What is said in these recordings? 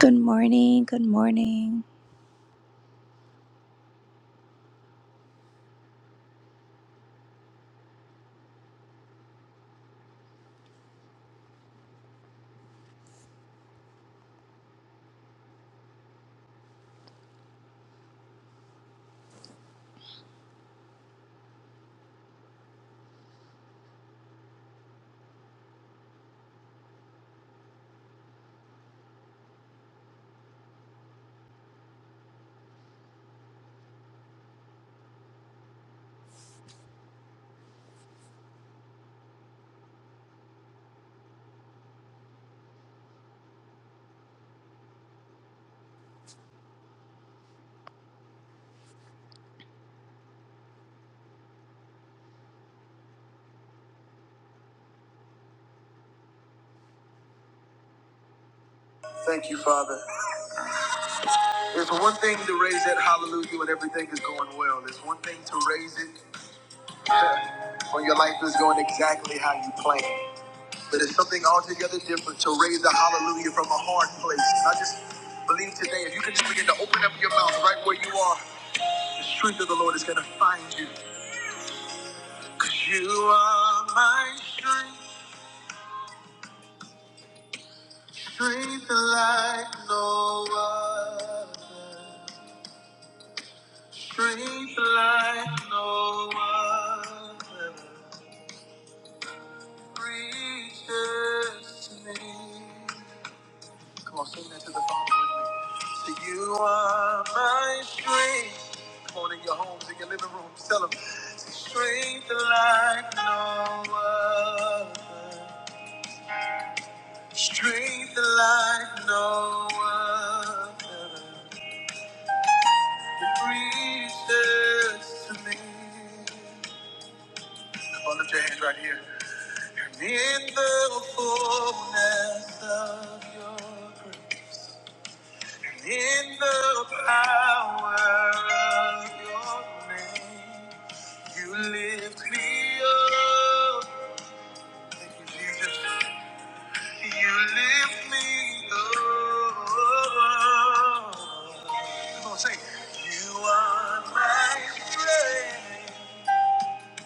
Good morning. Good morning. Thank you, Father. It's one thing to raise that hallelujah when everything is going well. It's one thing to raise it when your life is going exactly how you planned. But it's something altogether different to raise the hallelujah from a hard place. I just believe today, if you can just begin to open up your mouth right where you are, the strength of the Lord is going to find you. Because you are my strength, strength like no other. Strength like no other reaches to me. Come on, sing that to the Father with me. So you are my strength. Come on, in your homes, in your living rooms, tell them. Strength like no other. Strength like no other. It reaches to me. Come on, lift your hands right here. In the fullness of your grace, in the power of your name, you lift me up. Thank you, Jesus. You lift me up. Come on, say, You are my strength.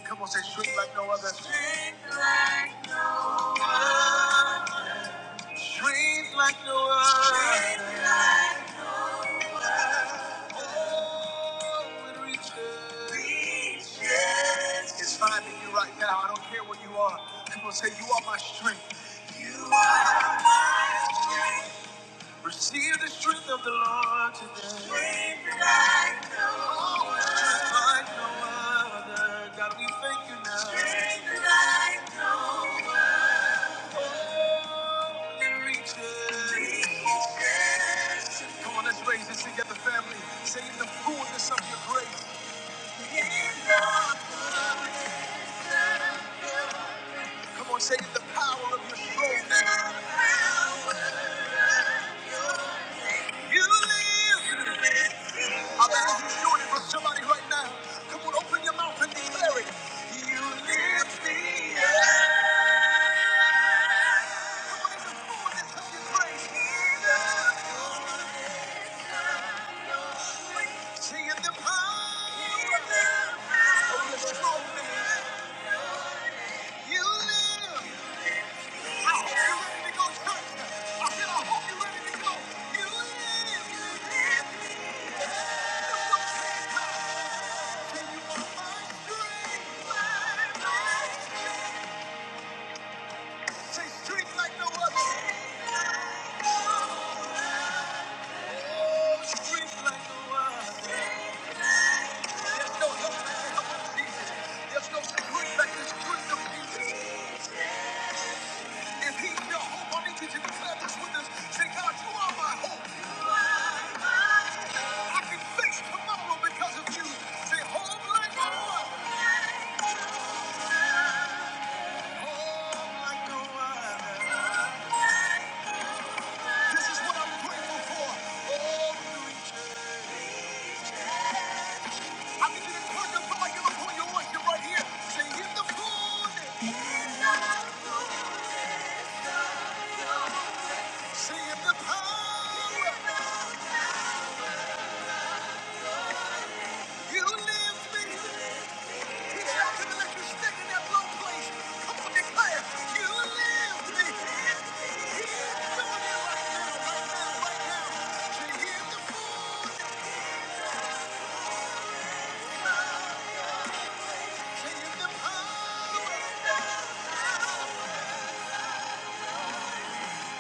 Come on, say, strength like no other. Strength like no other. Dreams like no other. Oh, it reaches. Reaches. It's finding you right now. I don't care where you are. Come on, say, You are my strength. You are. Receive the strength of the Lord today. Strength Just like no other. God, we thank you now. Strength. It reaches. Reaches. Come on, let's raise this together, family. Say in the fullness of your grace. Come on, say in the power of your strength. You live. I bet you doing it for somebody right now. Come on, open your mouth and declare it. You lift me up. Come on, in the fullness of your grace. Sing in the power of your strong name. You live. I hope you're ready to go, church. I said, I hope you're ready to go. You live. You live. Because of you, say, home like no other, home like no other. This is what I'm grateful for. Oh, I need you to turn your volume up on your worship right here. Sing in the food. Sing in the power. You lift me. Reach out to the left. You're standing in that low place. Come on, declare. You lift me. He's doing it right now, right now, right now. Sing in the food. Sing in the power.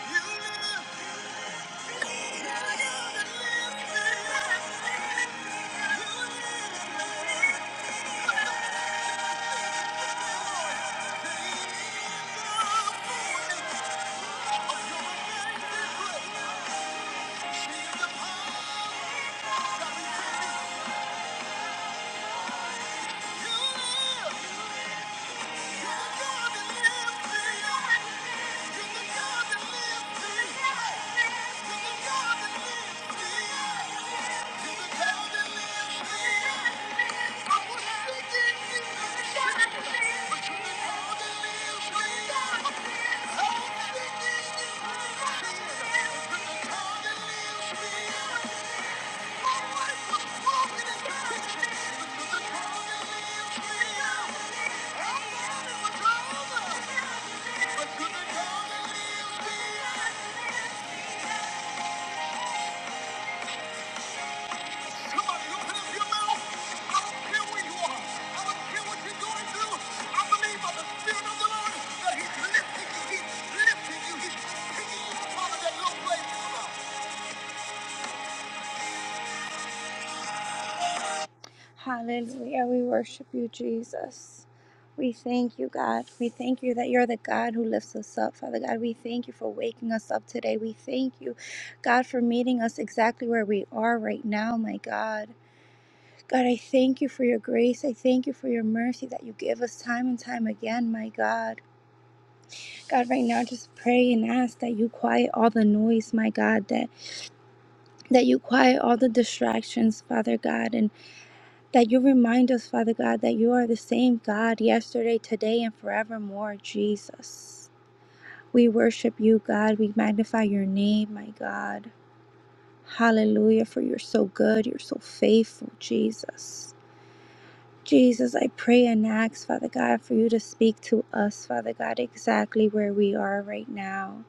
You Yeah. Yeah that He's lifting you. He's lifting you. He's picking you up out of that low place. Hallelujah. We worship you, Jesus. We thank you, God. We thank you that you're the God who lifts us up, Father God. We thank you for waking us up today. We thank you, God, for meeting us exactly where we are right now, my God. God, I thank you for your grace. I thank you for your mercy that you give us time and time again, my God. God, right now, just pray and ask that you quiet all the noise, my God, that, that you quiet all the distractions, Father God, and. That you remind us, Father God, that you are the same God yesterday, today, and forevermore, Jesus. We worship you, God. We magnify your name, my God. Hallelujah, for you're so good. You're so faithful, Jesus. Jesus, I pray and ask, Father God, for you to speak to us, Father God, exactly where we are right now.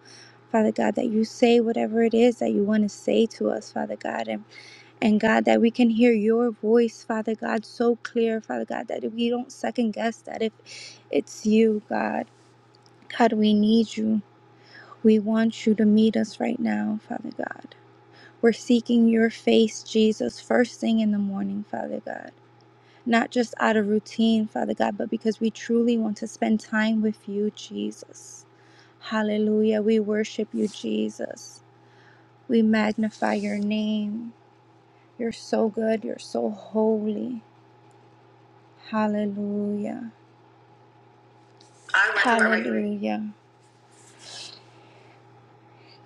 Father God, that you say whatever it is that you want to say to us, Father God, and and God, that we can hear your voice, Father God, so clear, Father God, that we don't second guess that if it's you, God. God, we need you. We want you to meet us right now, Father God. We're seeking your face, Jesus, first thing in the morning, Father God. Not just out of routine, Father God, but because we truly want to spend time with you, Jesus. Hallelujah. We worship you, Jesus. We magnify your name. You're so good. You're so holy. Hallelujah. Hallelujah.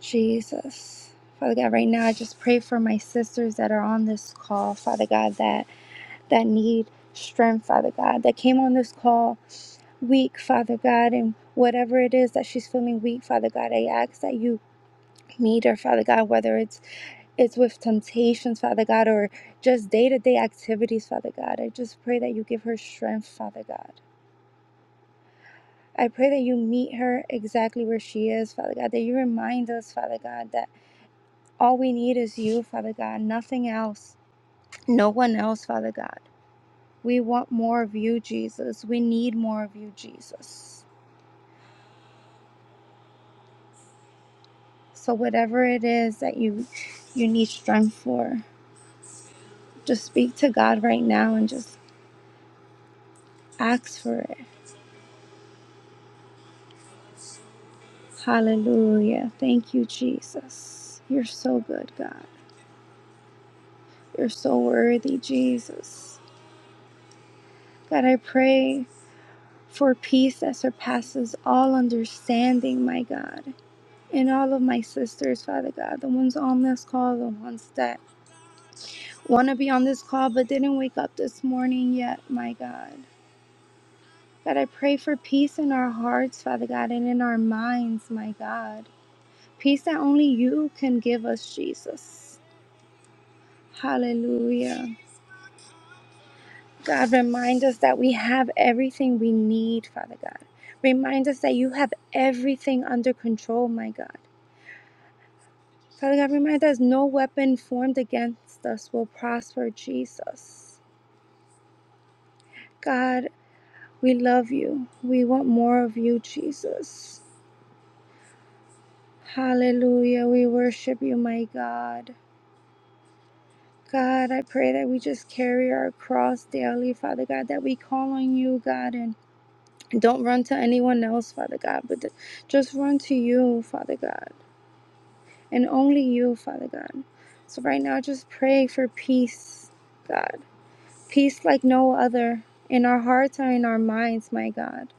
Jesus. Father God, right now I just pray for my sisters that are on this call, Father God, that that need strength, Father God, that came on this call weak, Father God, and whatever it is that she's feeling weak, Father God, I ask that you meet her, Father God, whether it's it's with temptations, Father God, or just day to day activities, Father God. I just pray that you give her strength, Father God. I pray that you meet her exactly where she is, Father God, that you remind us, Father God, that all we need is you, Father God, nothing else, no one else, Father God. We want more of you, Jesus. We need more of you, Jesus. So whatever it is that you you need strength for, just speak to God right now and just ask for it. Hallelujah. Thank you, Jesus. You're so good, God. You're so worthy, Jesus. God, I pray for peace that surpasses all understanding, my God. And all of my sisters, Father God, the ones on this call, the ones that want to be on this call but didn't wake up this morning yet, my God. God, I pray for peace in our hearts, Father God, and in our minds, my God. Peace that only you can give us, Jesus. Hallelujah. God, remind us that we have everything we need, Father God. Remind us that you have everything under control, my God. Father God, remind us no weapon formed against us will prosper, Jesus. God, we love you. We want more of you, Jesus. Hallelujah. We worship you, my God. God, I pray that we just carry our cross daily, Father God, that we call on you, God, and don't run to anyone else, Father God, but just run to you, Father God, and only you, Father God. So right now, just pray for peace, God. peace like no other in our hearts or in our minds, my God.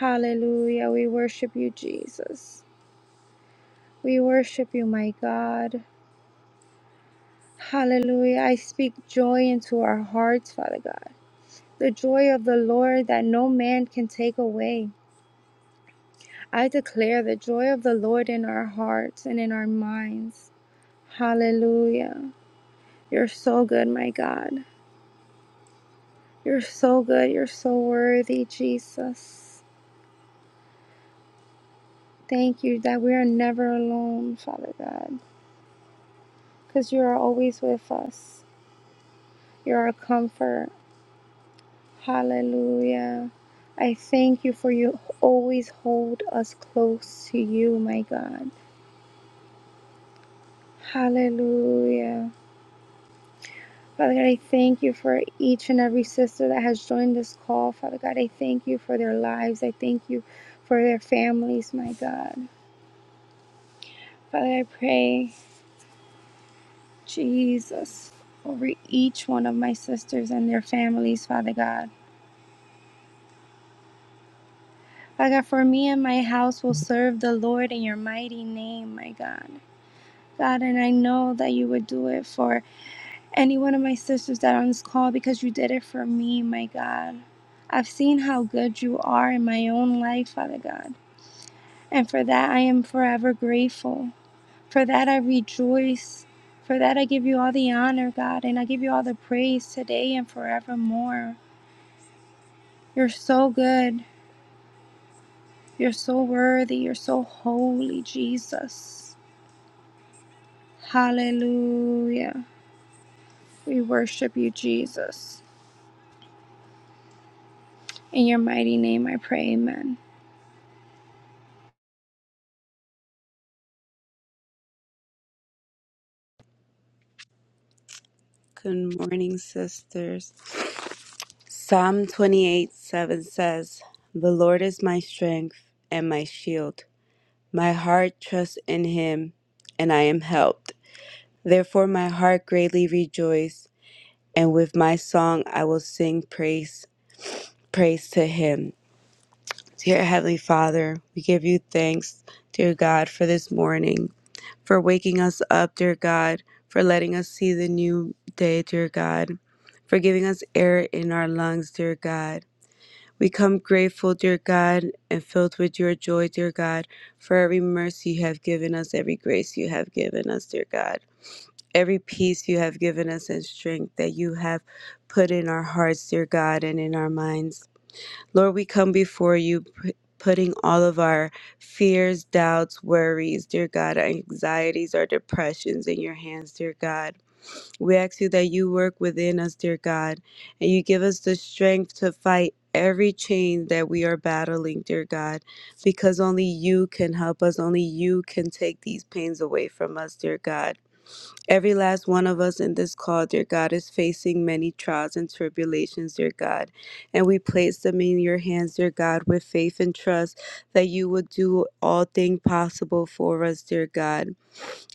Hallelujah. We worship you, Jesus. We worship you, my God. Hallelujah. I speak joy into our hearts, Father God. The joy of the Lord that no man can take away. I declare the joy of the Lord in our hearts and in our minds. Hallelujah. You're so good, my God. You're so good. You're so worthy, Jesus. Thank you that we are never alone, Father God, because you are always with us. You're our comfort. Hallelujah. I thank you for you always hold us close to you, my God. Hallelujah. Father God, I thank you for each and every sister that has joined this call. Father God, I thank you for their lives. I thank you for their families, my God. Father, I pray. Jesus, over each one of my sisters and their families, Father God. Father God, for me and my house will serve the Lord in your mighty name, my God. God, and I know that you would do it for any one of my sisters that are on this call because you did it for me, my God. I've seen how good you are in my own life, Father God. And for that, I am forever grateful. For that, I rejoice. For that, I give you all the honor, God, and I give you all the praise today and forevermore. You're so good. You're so worthy. You're so holy, Jesus. Hallelujah. We worship you, Jesus. In your mighty name I pray, amen. Good morning, sisters. Psalm 28 7 says, The Lord is my strength and my shield. My heart trusts in him, and I am helped. Therefore, my heart greatly rejoiced, and with my song I will sing praise, praise to him. Dear Heavenly Father, we give you thanks, dear God, for this morning. for waking us up, dear God, for letting us see the new day, dear God, for giving us air in our lungs, dear God. We come grateful, dear God, and filled with your joy, dear God, for every mercy you have given us, every grace you have given us, dear God, every peace you have given us and strength that you have put in our hearts, dear God, and in our minds. Lord, we come before you p- putting all of our fears, doubts, worries, dear God, our anxieties, our depressions in your hands, dear God. We ask you that you work within us, dear God, and you give us the strength to fight every chain that we are battling, dear God, because only you can help us, only you can take these pains away from us, dear God. Every last one of us in this call, dear God, is facing many trials and tribulations, dear God. And we place them in your hands, dear God, with faith and trust that you would do all thing possible for us, dear God.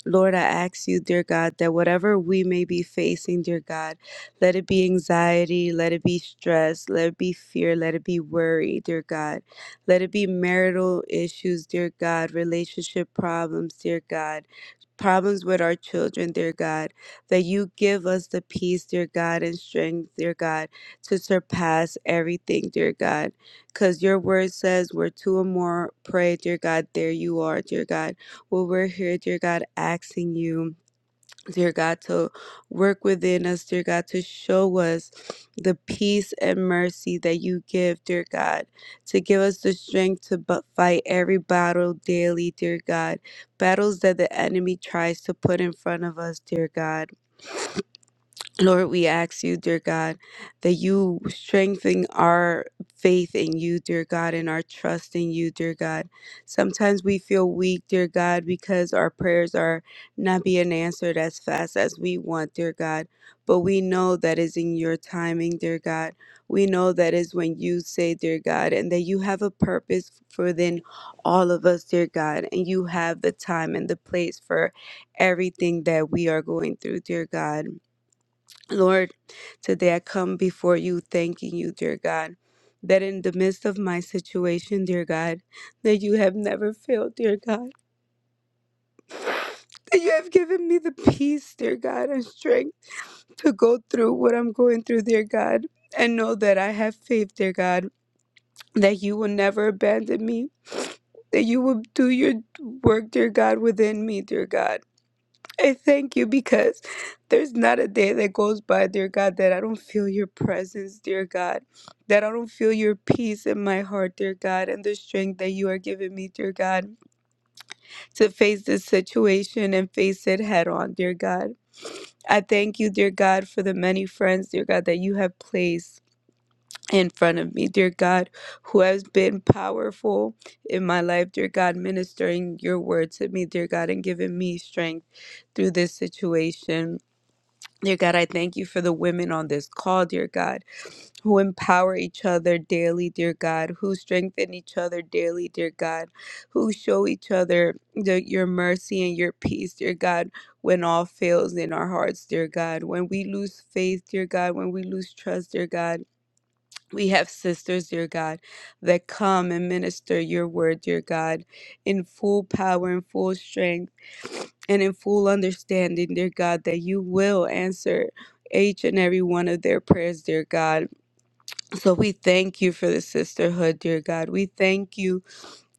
Lord, I ask you, dear God, that whatever we may be facing, dear God, let it be anxiety, let it be stress, let it be fear, let it be worry, dear God. Let it be marital issues, dear God, relationship problems, dear God problems with our children, dear God, that you give us the peace, dear God, and strength, dear God, to surpass everything, dear God. Because your word says, where two or more pray, dear God, there you are, dear God. Well, we're here, dear God, asking you dear God, to work within us, dear God, to show us the peace and mercy that you give, dear God, to give us the strength to bu- fight every battle daily, dear God, battles that the enemy tries to put in front of us, dear God. Lord, we ask you, dear God, that you strengthen our faith in you, dear God, and our trust in you, dear God. Sometimes we feel weak, dear God, because our prayers are not being answered as fast as we want, dear God. But we know that is in your timing, dear God. We know that is when you say, dear God, and that you have a purpose for then all of us, dear God, and you have the time and the place for everything that we are going through, dear God. Lord, today I come before you thanking you, dear God, that in the midst of my situation, dear God, that you have never failed, dear God. That you have given me the peace, dear God, and strength to go through what I'm going through, dear God, and know that I have faith, dear God, that you will never abandon me, that you will do your work, dear God, within me, dear God I thank you because there's not a day that goes by, dear God, that I don't feel your presence, dear God, that I don't feel your peace in my heart, dear God, and the strength that you are giving me, dear God, to face this situation and face it head on, dear God. I thank you, dear God, for the many friends, dear God, that you have placed in front of me, dear God, who has been powerful in my life, dear God, ministering your word to me, dear God, and giving me strength through this situation. Dear God, I thank you for the women on this call, dear God, who empower each other daily, dear God, who strengthen each other daily, dear God, who show each other the, your mercy and your peace, dear God, when all fails in our hearts, dear God, when we lose faith, dear God, when we lose trust, dear God. We have sisters, dear God, that come and minister your word, dear God, in full power and full strength and in full understanding, dear God, that you will answer each and every one of their prayers, dear God. So we thank you for the sisterhood, dear God. We thank you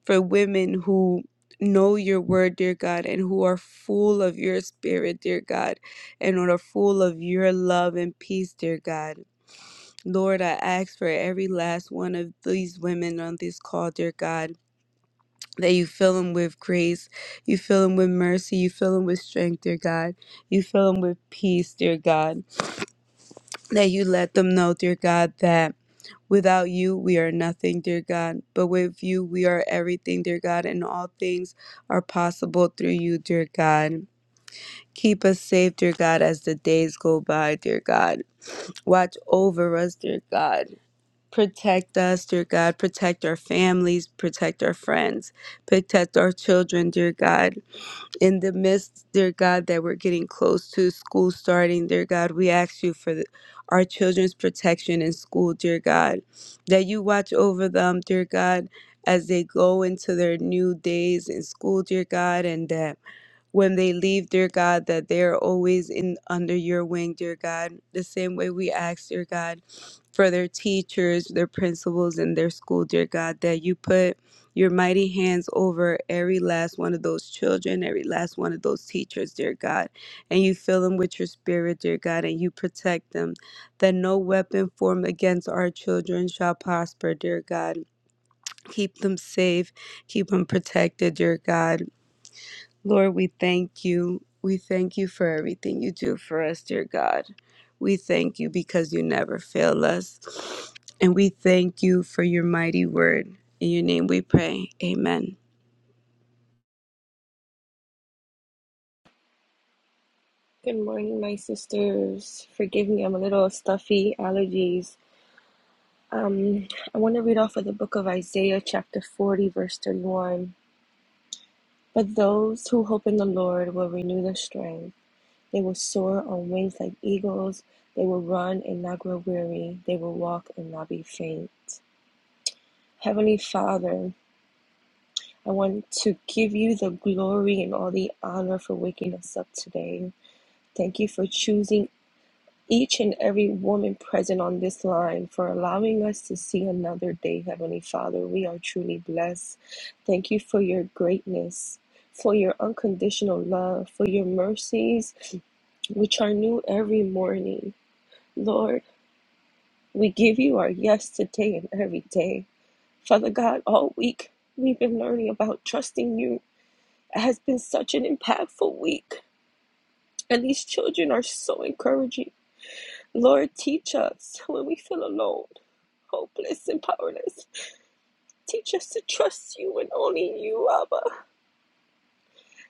for women who know your word, dear God, and who are full of your spirit, dear God, and who are full of your love and peace, dear God. Lord, I ask for every last one of these women on this call, dear God, that you fill them with grace, you fill them with mercy, you fill them with strength, dear God, you fill them with peace, dear God, that you let them know, dear God, that without you we are nothing, dear God, but with you we are everything, dear God, and all things are possible through you, dear God. Keep us safe, dear God, as the days go by, dear God. Watch over us, dear God Protect us, dear God. Protect our families. Protect our friends. Protect our children, dear God. In the midst, dear God, that we're getting close to school starting, dear God, we ask you for the, our children's protection in school, dear God. That you watch over them, dear God, as they go into their new days in school, dear God, and that when they leave, dear God, that they are always in under your wing, dear God. The same way we ask, dear God, for their teachers, their principals, and their school, dear God, that you put your mighty hands over every last one of those children, every last one of those teachers, dear God. And you fill them with your spirit, dear God, and you protect them. That no weapon formed against our children shall prosper, dear God. Keep them safe, keep them protected, dear God Lord, we thank you. We thank you for everything you do for us, dear God. We thank you because you never fail us. And we thank you for your mighty word. In your name we pray. Amen. Good morning, my sisters. Forgive me, I'm a little stuffy, allergies. Um, I want to read off of the book of Isaiah, chapter 40, verse 31. But those who hope in the Lord will renew their strength. They will soar on wings like eagles. They will run and not grow weary. They will walk and not be faint. Heavenly Father, I want to give you the glory and all the honor for waking us up today. Thank you for choosing. each and every woman present on this line for allowing us to see another day, Heavenly Father. We are truly blessed. Thank you for your greatness, for your unconditional love, for your mercies, which are new every morning. Lord, we give you our yes today and every day. Father God, all week we've been learning about trusting you. It has been such an impactful week, and these children are so encouraging. Lord, teach us when we feel alone. hopeless and powerless. Teach us to trust you and only you, Abba.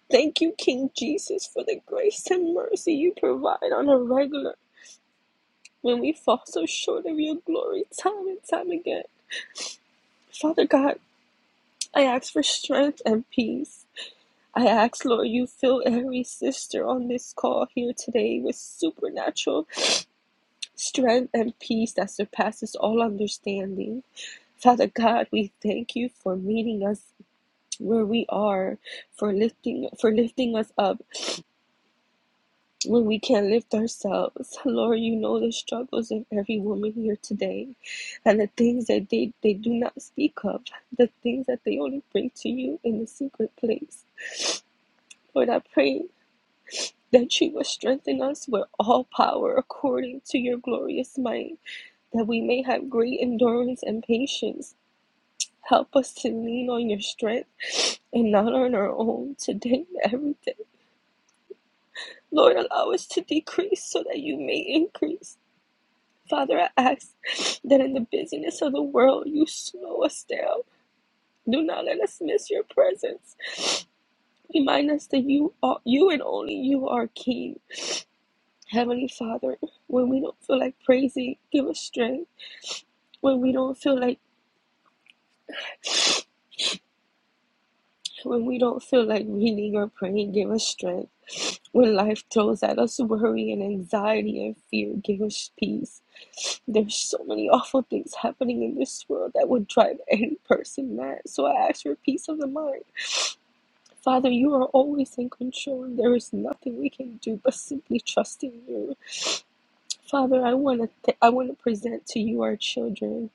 Thank you, King Jesus, for the grace and mercy you provide on a regular when we fall so short of your glory time and time again. Father God, I ask for strength and peace. I ask, Lord, you fill every sister on this call here today with supernatural strength and peace that surpasses all understanding. Father God, we thank you for meeting us where we are for lifting for lifting us up when we can't lift ourselves lord you know the struggles of every woman here today and the things that they they do not speak of the things that they only bring to you in the secret place lord i pray that you will strengthen us with all power according to your glorious might that we may have great endurance and patience Help us to lean on your strength and not on our own today, every day. Lord, allow us to decrease so that you may increase. Father, I ask that in the busyness of the world, you slow us down. Do not let us miss your presence. Remind us that you are, you and only you are King. Heavenly Father, when we don't feel like praising, give us strength. When we don't feel like When we don't feel like reading or praying, give us strength. When life throws at us worry and anxiety and fear, give us peace. There's so many awful things happening in this world that would drive any person mad. So I ask for peace of the mind. Father, you are always in control. There is nothing we can do but simply trust in you. Father, I want to th- I want to present to you our children.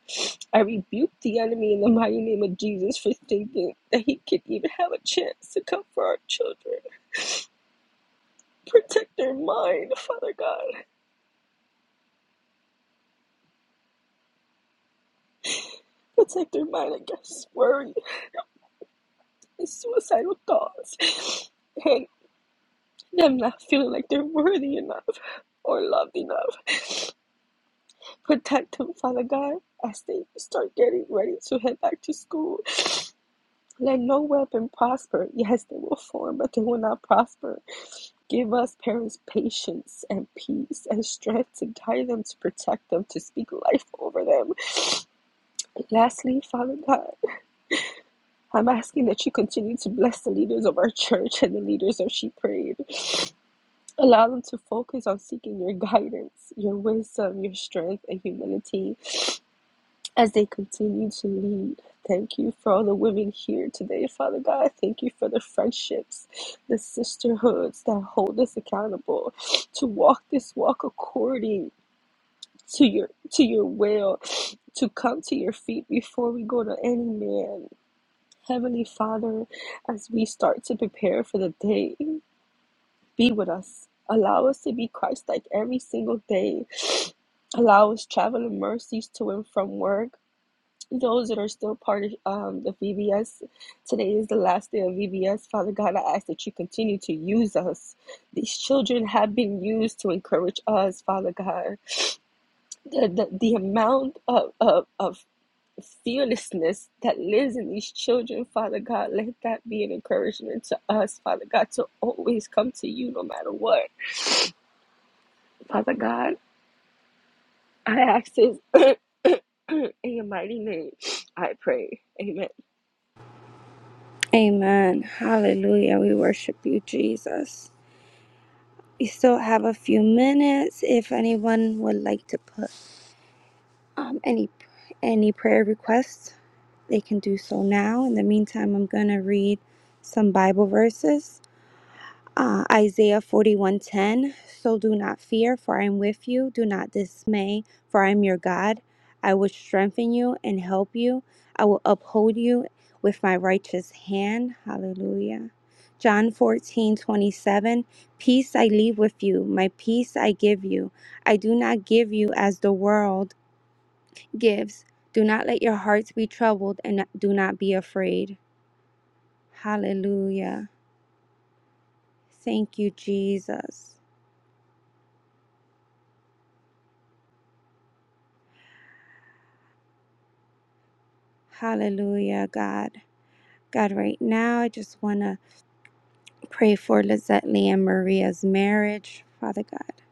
I rebuke the enemy in the mighty name of Jesus for thinking that he could even have a chance to come for our children. Protect their mind, Father God. Protect their mind against worry and suicidal thoughts. And them not feeling like they're worthy enough or loved enough. Protect them, Father God, as they start getting ready to head back to school. Let no weapon prosper. Yes, they will form, but they will not prosper. Give us parents patience and peace and strength to guide them, to protect them, to speak life over them. And lastly, Father God, I'm asking that you continue to bless the leaders of our church and the leaders of She Prayed. Allow them to focus on seeking your guidance, your wisdom, your strength, and humility as they continue to lead. Thank you for all the women here today, Father God. Thank you for the friendships, the sisterhoods that hold us accountable to walk this walk according to your to your will to come to your feet before we go to any man heavenly father as we start to prepare for the day be with us allow us to be christ like every single day allow us traveling mercies to and from work those that are still part of um, the VBS, today is the last day of VBS. Father God, I ask that you continue to use us. These children have been used to encourage us, Father God the, the, the amount of, of, of fearlessness that lives in these children, Father God, let that be an encouragement to us, Father God, to always come to you no matter what. Father God, I ask this in your mighty name. I pray. Amen. Amen. Hallelujah. We worship you, Jesus. We still have a few minutes if anyone would like to put um, any any prayer requests, they can do so now. In the meantime, I'm going to read some Bible verses. Uh, Isaiah 41:10 So do not fear for I am with you do not dismay for I am your God I will strengthen you and help you I will uphold you with my righteous hand hallelujah John 14:27 Peace I leave with you my peace I give you I do not give you as the world gives do not let your hearts be troubled and do not be afraid hallelujah thank you Jesus Hallelujah, God. God, right now, I just want to pray for Lizette Lee and Maria's marriage, Father God.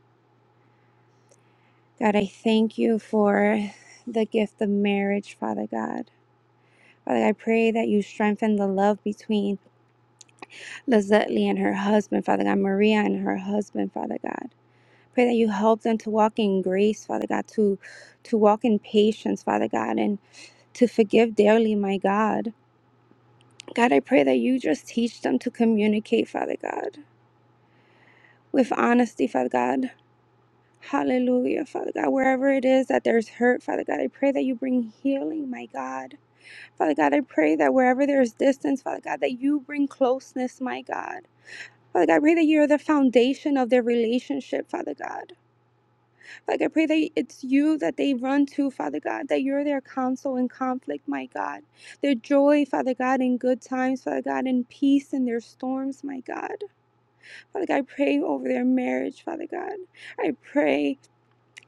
God, I thank you for the gift of marriage, Father God. Father, I pray that you strengthen the love between Lizette Lee and her husband, Father God, Maria and her husband, Father God. Pray that you help them to walk in grace, Father God, to to walk in patience, Father God, and to forgive daily, my God. God, I pray that you just teach them to communicate, Father God. with honesty, Father God. Hallelujah, Father God. Wherever it is that there's hurt, Father God, I pray that you bring healing, my God. Father God, I pray that wherever there's distance, Father God, that you bring closeness, my God. Father God, I pray that you're the foundation of their relationship, Father God. Like I pray that it's you that they run to, Father God, that you're their counsel in conflict, my God. Their joy, Father God, in good times, Father God, in peace in their storms, my God. Father God, I pray over their marriage, Father God. I pray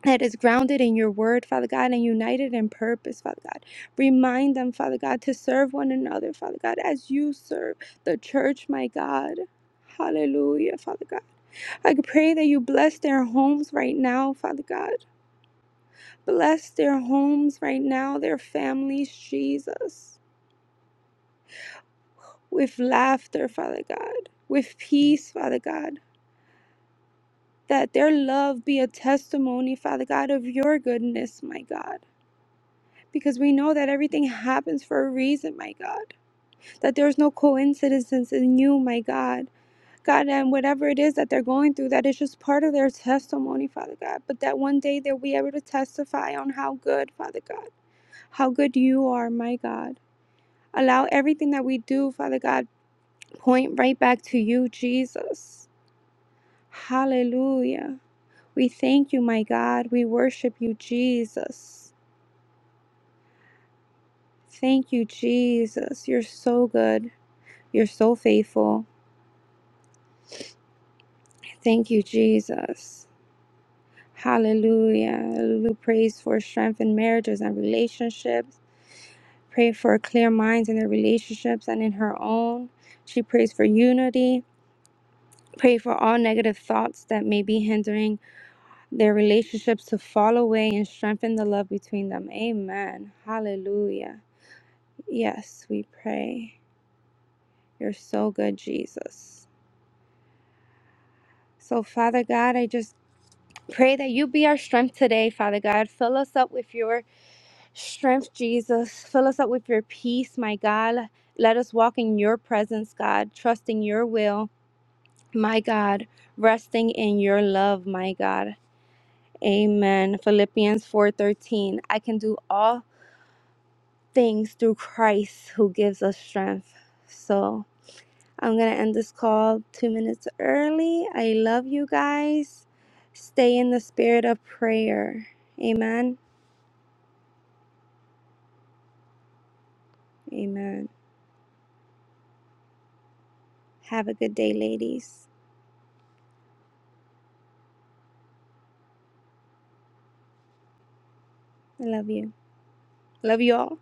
that is grounded in your word, Father God, and united in purpose, Father God. Remind them, Father God, to serve one another, Father God, as you serve the church, my God. Hallelujah, Father God. I pray that you bless their homes right now, Father God. Bless their homes right now, their families, Jesus, with laughter, Father God, with peace, Father God. That their love be a testimony, Father God, of your goodness, my God. because we know that everything happens for a reason, my God. That there's no coincidence in you, my God. God, and whatever it is that they're going through, that is just part of their testimony, Father God. But that one day they'll be able to testify on how good, Father God, how good you are, my God. Allow everything that we do, Father God, point right back to you, Jesus. Hallelujah. We thank you, my God. We worship you, Jesus. Thank you, Jesus. You're so good. You're so faithful. Thank you, Jesus. Hallelujah. Hallelujah. Praise for strength in marriages and relationships. Pray for clear minds in their relationships and in her own. She prays for unity. Pray for all negative thoughts that may be hindering their relationships to fall away and strengthen the love between them. Amen. Hallelujah. Yes, we pray. You're so good, Jesus. So, Father God, I just Pray that you be our strength today, Father God. Fill us up with your strength, Jesus. Fill us up with your peace, my God. Let us walk in your presence, God, trusting your will, my God, resting in your love, my God. Amen. Philippians 4:13. I can do all things through Christ who gives us strength. So, I'm going to end this call 2 minutes early. I love you guys. Stay in the spirit of prayer. Amen. Amen. Have a good day, ladies. I love you. Love you all.